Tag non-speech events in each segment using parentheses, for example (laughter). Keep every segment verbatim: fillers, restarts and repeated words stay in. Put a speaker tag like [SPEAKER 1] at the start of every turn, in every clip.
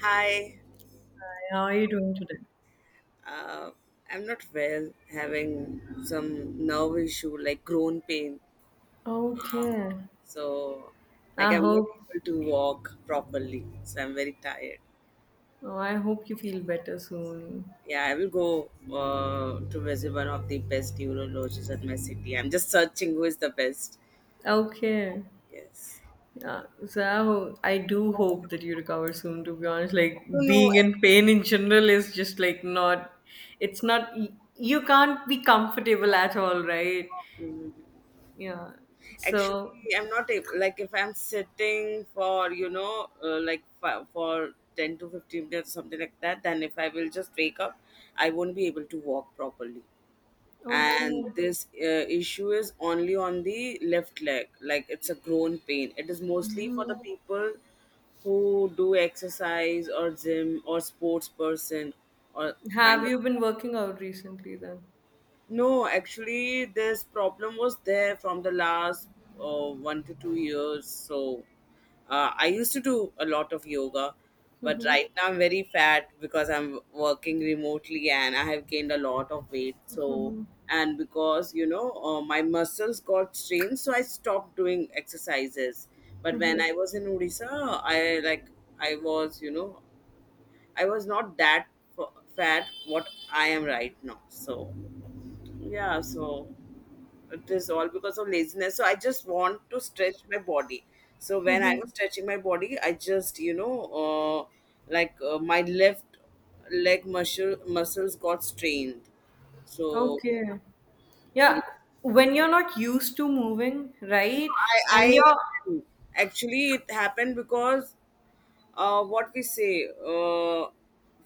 [SPEAKER 1] Hi,
[SPEAKER 2] How are you doing today?
[SPEAKER 1] uh, I'm not well, having some nerve issue like groin pain.
[SPEAKER 2] Okay.
[SPEAKER 1] So,
[SPEAKER 2] I
[SPEAKER 1] like I'm not
[SPEAKER 2] hope
[SPEAKER 1] able to walk properly. So I'm very tired.
[SPEAKER 2] oh, I hope you feel better soon.
[SPEAKER 1] Yeah, I will go uh, to visit one of the best neurologists at my city. I'm just searching who is the best.
[SPEAKER 2] Okay.
[SPEAKER 1] Yes.
[SPEAKER 2] Yeah. So I, ho- I do hope that you recover soon, to be honest. Like
[SPEAKER 1] I don't
[SPEAKER 2] being in pain in general is just like not it's not y- you can't be comfortable at all, right?
[SPEAKER 1] know.
[SPEAKER 2] Yeah.
[SPEAKER 1] Actually,
[SPEAKER 2] So
[SPEAKER 1] I'm not able, like if I'm sitting for you know uh, like for, for ten to fifteen minutes, something like that, then if I will just wake up I won't be able to walk properly. And
[SPEAKER 2] okay.
[SPEAKER 1] this uh, issue is only on the left leg, like it's a grown pain. It is mostly for the
[SPEAKER 2] Hmm.
[SPEAKER 1] people who do exercise or gym or sports person, or kind
[SPEAKER 2] Have
[SPEAKER 1] of.
[SPEAKER 2] you been working out recently then?
[SPEAKER 1] No, actually, this problem was there from the last uh, one to two years. So, uh, I used to do a lot of yoga, but right now I'm very fat because I'm working remotely and I have gained a lot of weight. So, and because you know, uh, my muscles got strained, so I stopped doing exercises. But when I was in Odisha, I like I was, you know, I was not that f- fat what I am right now. So. Yeah, so it is all because of laziness. So I just want to stretch my body. So when I
[SPEAKER 2] Hmm?
[SPEAKER 1] was stretching my body, I just, you know, uh, like uh, my left leg muscle muscles got strained.
[SPEAKER 2] (laughs)
[SPEAKER 1] So
[SPEAKER 2] Okay.
[SPEAKER 1] you
[SPEAKER 2] Yeah,
[SPEAKER 1] know,
[SPEAKER 2] when you're not used to moving, right?
[SPEAKER 1] I,
[SPEAKER 2] And you're
[SPEAKER 1] I actually, it happened because uh, what we say, uh,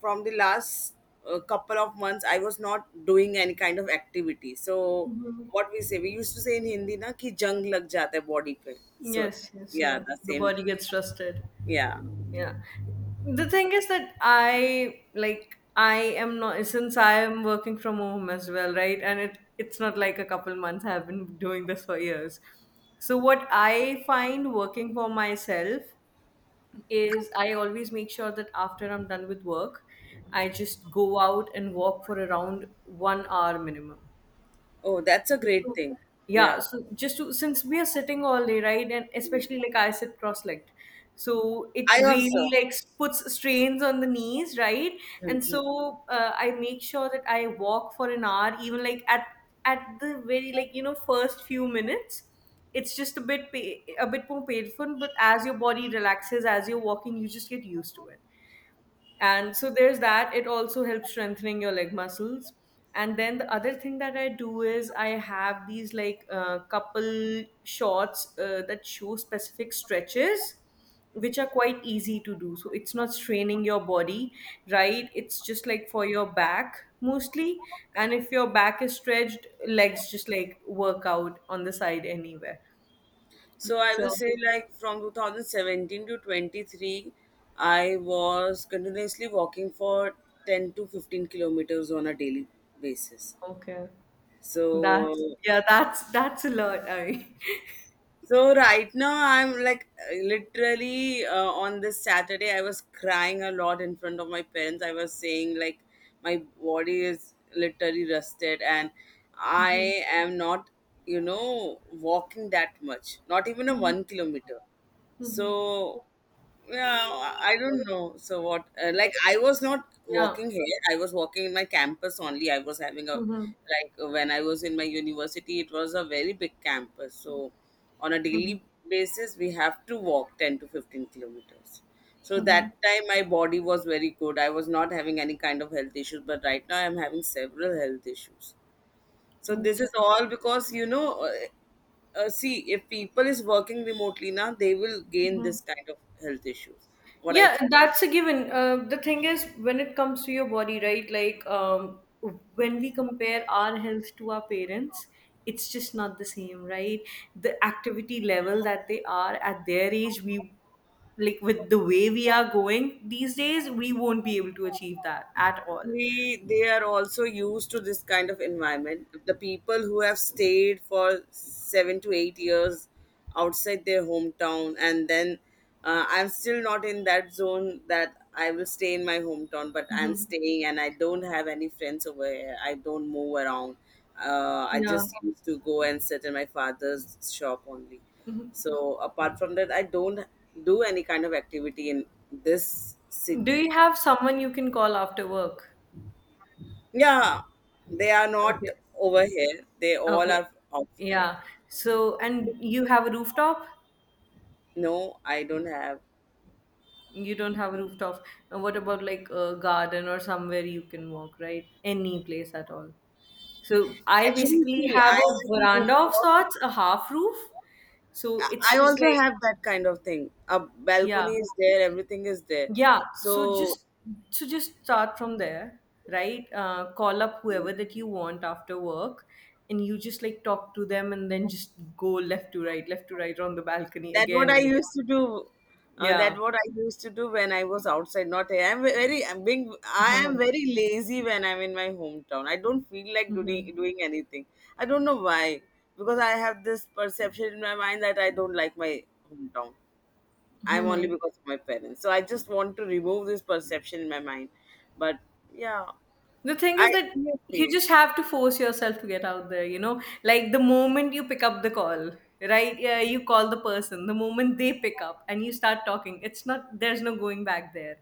[SPEAKER 1] from the last uh, couple of months I was not doing any kind of activity. So what we say, we used to say in Hindi, na ki jung lag jata hai body pe. So
[SPEAKER 2] yes, yes,
[SPEAKER 1] yeah,
[SPEAKER 2] yeah.
[SPEAKER 1] the
[SPEAKER 2] The
[SPEAKER 1] same.
[SPEAKER 2] body gets rusted.
[SPEAKER 1] Yeah.
[SPEAKER 2] Yeah. The thing is that I like I am not, since I am working from home as well, right? And it it's not like a couple months, I have been doing this for years. So what I find working for myself is I always make sure that after I'm done with work, I just go out and walk for around one hour minimum.
[SPEAKER 1] Oh, that's a
[SPEAKER 2] Just
[SPEAKER 1] great
[SPEAKER 2] to,
[SPEAKER 1] thing.
[SPEAKER 2] yeah,
[SPEAKER 1] Yeah,
[SPEAKER 2] so just to, since we are sitting all day, right, and especially like I sit cross-legged, so it
[SPEAKER 1] I
[SPEAKER 2] really
[SPEAKER 1] also.
[SPEAKER 2] like puts strains on the knees, right? And
[SPEAKER 1] Mhm.
[SPEAKER 2] so uh, I make sure that I walk for an hour, even like at at the very like, you know, first few minutes. It's just a bit pa- a bit more painful, but as your body relaxes, as you're walking, you just get used to it, and so there's that. It also helps strengthening your leg muscles. And then the other thing that I do is I have these like, uh, couple shorts uh, that show specific stretches which are quite easy to do, so it's not straining your body, right? It's just like for your back mostly, and if your back is stretched, legs just like work out on the side anywhere.
[SPEAKER 1] So I will
[SPEAKER 2] So
[SPEAKER 1] say, like, from two thousand seventeen to twenty three I was continuously walking for ten to fifteen kilometers on a daily basis.
[SPEAKER 2] okay, that's
[SPEAKER 1] So.
[SPEAKER 2] yeah, that's that's a lot. I
[SPEAKER 1] So right now, I'm like literally uh, on this Saturday I was crying a lot in front of my parents. I was saying like my body is literally rusted, and I am not you know walking that much. Not even a one kilometer.
[SPEAKER 2] (laughs) Mhm.
[SPEAKER 1] So yeah, I don't know. So what? Uh, like, I was not
[SPEAKER 2] Yeah.
[SPEAKER 1] walking here. I was walking in my campus only. I was having a,
[SPEAKER 2] Mhm.
[SPEAKER 1] like when I was in my university, it was a very big campus. So on a
[SPEAKER 2] Mhm.
[SPEAKER 1] daily basis, we have to walk ten to fifteen kilometers. So
[SPEAKER 2] Mhm.
[SPEAKER 1] that time, my body was very good. I was not having any kind of health issues, but right now, I'm having several health issues. So this
[SPEAKER 2] Okay.
[SPEAKER 1] is all because you know, uh, uh, see, if people is working remotely now, they will gain
[SPEAKER 2] Mhm.
[SPEAKER 1] this kind of health issues. What I
[SPEAKER 2] Yeah,
[SPEAKER 1] feel.
[SPEAKER 2] that's a given. Uh, the thing is, when it comes to your body, right? Like, um, when we compare our health to our parents, it's just not the same, right? The activity level that they are at their age, we like with the way we are going these days, we won't be able to achieve that at all.
[SPEAKER 1] They they are also used to this kind of environment, the people who have stayed for seven to eight years outside their hometown. And then uh, I'm still not in that zone that I will stay in my hometown, but I'm
[SPEAKER 2] Mhm.
[SPEAKER 1] staying and I don't have any friends over here. I don't move around. uh, I
[SPEAKER 2] Yeah.
[SPEAKER 1] just used to go and sit in my father's shop only.
[SPEAKER 2] Mhm.
[SPEAKER 1] So apart from that, I don't do any kind of activity in this
[SPEAKER 2] Do
[SPEAKER 1] city.
[SPEAKER 2] you have someone you can call after work?
[SPEAKER 1] Yeah, they are not
[SPEAKER 2] Okay.
[SPEAKER 1] over here. They all
[SPEAKER 2] Okay.
[SPEAKER 1] are outside.
[SPEAKER 2] Yeah. So, and you have a rooftop?
[SPEAKER 1] No, I don't have.
[SPEAKER 2] You don't have a rooftop. And what about like a garden or somewhere you can walk, right? Any place at all. So, I
[SPEAKER 1] Actually,
[SPEAKER 2] basically
[SPEAKER 1] see, I
[SPEAKER 2] have a
[SPEAKER 1] have a
[SPEAKER 2] veranda of
[SPEAKER 1] rooftop.
[SPEAKER 2] sorts, a half roof. So,
[SPEAKER 1] I
[SPEAKER 2] it's
[SPEAKER 1] I
[SPEAKER 2] just
[SPEAKER 1] also
[SPEAKER 2] like,
[SPEAKER 1] have that kind of thing. A
[SPEAKER 2] yeah.
[SPEAKER 1] balcony is there, everything is there.
[SPEAKER 2] Yeah. So,
[SPEAKER 1] So
[SPEAKER 2] just so just start from there, right? Uh, call up whoever that you want after work, and you just like talk to them, and then just go left to right, left to right on the balcony,
[SPEAKER 1] that what
[SPEAKER 2] again
[SPEAKER 1] i
[SPEAKER 2] and again.
[SPEAKER 1] used to do uh, that
[SPEAKER 2] Yeah.
[SPEAKER 1] what I used to do when I was outside. Not, I'm very, I'm being, I am
[SPEAKER 2] Yeah.
[SPEAKER 1] very lazy when I'm in my hometown. I don't feel like
[SPEAKER 2] Hmm.
[SPEAKER 1] doing doing anything. I don't know why. Because I have this perception in my mind that I don't like my hometown. I'm only
[SPEAKER 2] Hmm.
[SPEAKER 1] because of my parents. So I just want to remove this perception in my mind. But yeah,
[SPEAKER 2] The thing
[SPEAKER 1] I
[SPEAKER 2] is that you
[SPEAKER 1] seriously.
[SPEAKER 2] just have to force yourself to get out there, you know? Like the moment you pick up the call, right? Yeah, you call the person, the moment they pick up and you start talking, it's not, there's no going back there,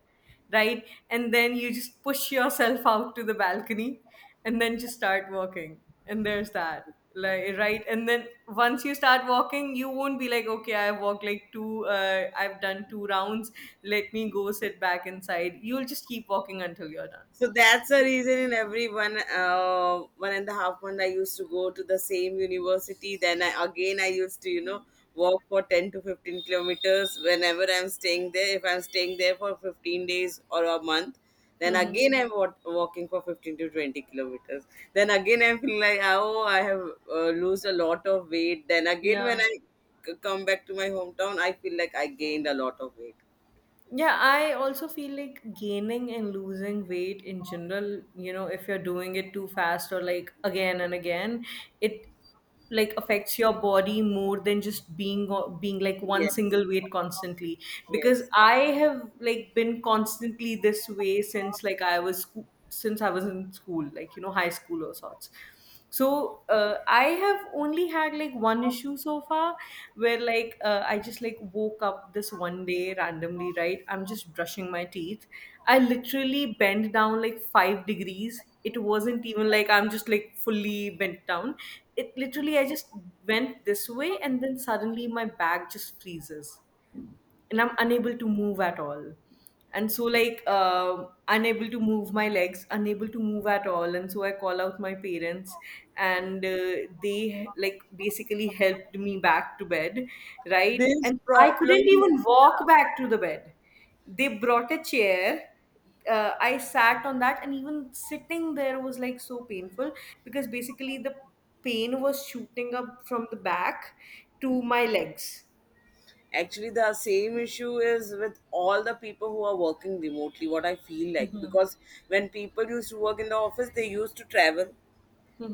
[SPEAKER 2] right? And then you just push yourself (laughs) out to the balcony, and then just start walking. And there's that. Like, right, and then once you start walking, you won't be like, okay, I've walked like two uh, I've done two rounds, let me go sit back inside. You'll just keep walking until you're done.
[SPEAKER 1] So that's the reason, in every one, uh, one and a half month I used to go to the same university. Then I again I used to you know walk for ten to fifteen kilometers whenever I'm staying there. If I'm staying there for fifteen days or a month, then
[SPEAKER 2] Hmm.
[SPEAKER 1] again I'm wa- walking for fifteen to twenty kilometers. Then again I'm feeling like, oh, I have uh, lose a lot of weight. Then again when
[SPEAKER 2] Yeah.
[SPEAKER 1] I c- come back to my hometown, I feel like I gained a lot of weight.
[SPEAKER 2] Yeah, I also feel like gaining and losing weight in general, you know, if you're doing it too fast or like again and again, it like affects your body more than just being being like one
[SPEAKER 1] Yes,
[SPEAKER 2] single weight constantly. Because
[SPEAKER 1] yes,
[SPEAKER 2] I have like been constantly this way since like I was scho- since I was in school, like, you know, high school or sorts. So uh, I have only had like one issue so far, where like, uh, I just like woke up this one day randomly, right? I'm just brushing my teeth, I literally bent down like five degrees. It wasn't even like I'm just like fully bent down, it literally, I just went this way, and then suddenly my back just freezes and I'm unable to move at all. And so, like, uh, unable to move my legs, unable to move at all. And so, I call out my parents, and uh, they, like, basically helped me back to bed, right?
[SPEAKER 1] this
[SPEAKER 2] And I couldn't
[SPEAKER 1] problem.
[SPEAKER 2] even walk back to the bed. They brought a chair. Uh, I sat on that, and even sitting there was like so painful, because basically the pain was shooting up from the back to my legs.
[SPEAKER 1] Actually, the same issue is with all the people who are working remotely, what I feel like.
[SPEAKER 2] Mhm.
[SPEAKER 1] Because when people used to work in the office, they used to travel.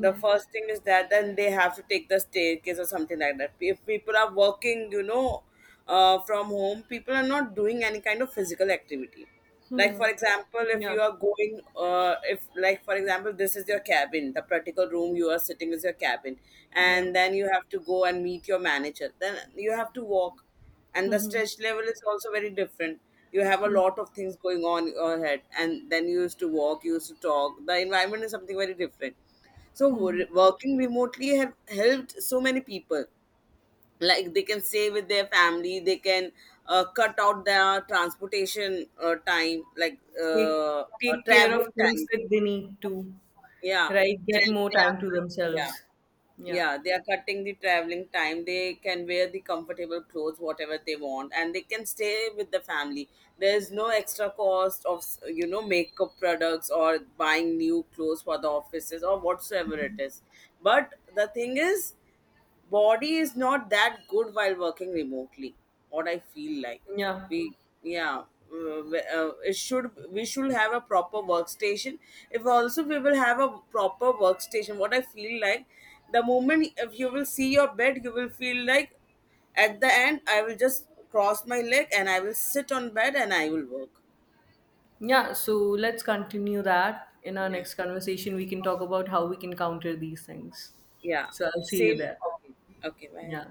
[SPEAKER 1] The first thing is that then they have to take the staircase or something like that. If people are working you know uh, from home, people are not doing any kind of physical activity. Like, for
[SPEAKER 2] Hmm.
[SPEAKER 1] example, if
[SPEAKER 2] Yeah.
[SPEAKER 1] you are going, uh, if like for example this is your cabin, the particular room you are sitting is your cabin,
[SPEAKER 2] Yeah.
[SPEAKER 1] and then you have to go and meet your manager, then you have to walk.
[SPEAKER 2] (laughs)
[SPEAKER 1] And the
[SPEAKER 2] Mhm.
[SPEAKER 1] stress level is also very different. You have a
[SPEAKER 2] Hmm.
[SPEAKER 1] lot of things going on in your head, and then you used to walk, you used to talk. The environment is something very different. So
[SPEAKER 2] Mhm.
[SPEAKER 1] wo- working remotely have helped so many people. Like they can stay with their family, they can uh, cut out their transportation uh, time, like
[SPEAKER 2] Take
[SPEAKER 1] uh, uh,
[SPEAKER 2] take care of
[SPEAKER 1] traveling
[SPEAKER 2] things
[SPEAKER 1] time.
[SPEAKER 2] that they need to,
[SPEAKER 1] Yeah.
[SPEAKER 2] right? Get
[SPEAKER 1] Tra-
[SPEAKER 2] more
[SPEAKER 1] they
[SPEAKER 2] time
[SPEAKER 1] are-
[SPEAKER 2] to
[SPEAKER 1] yeah,
[SPEAKER 2] themselves. Yeah.
[SPEAKER 1] yeah, they are cutting the traveling time. They can wear the comfortable clothes whatever they want, and they can stay with the family. There is no extra cost of you know makeup products or buying new clothes for the offices or whatsoever it is. But the thing is, body is not that good while working remotely. What I feel like,
[SPEAKER 2] Yeah.
[SPEAKER 1] we, yeah, uh, we- uh, it should we should have a proper workstation. If also we will have a proper workstation, what I feel like, the moment if you will see your bed, you will feel like, at the end I will just cross my leg and I will sit on bed and I will work.
[SPEAKER 2] Yeah. So let's continue that. In our
[SPEAKER 1] Yeah.
[SPEAKER 2] next conversation, we can talk about how we can counter these things.
[SPEAKER 1] Yeah,
[SPEAKER 2] So I'll see you
[SPEAKER 1] same.
[SPEAKER 2] there.
[SPEAKER 1] Okay, okay, bye.
[SPEAKER 2] Yeah.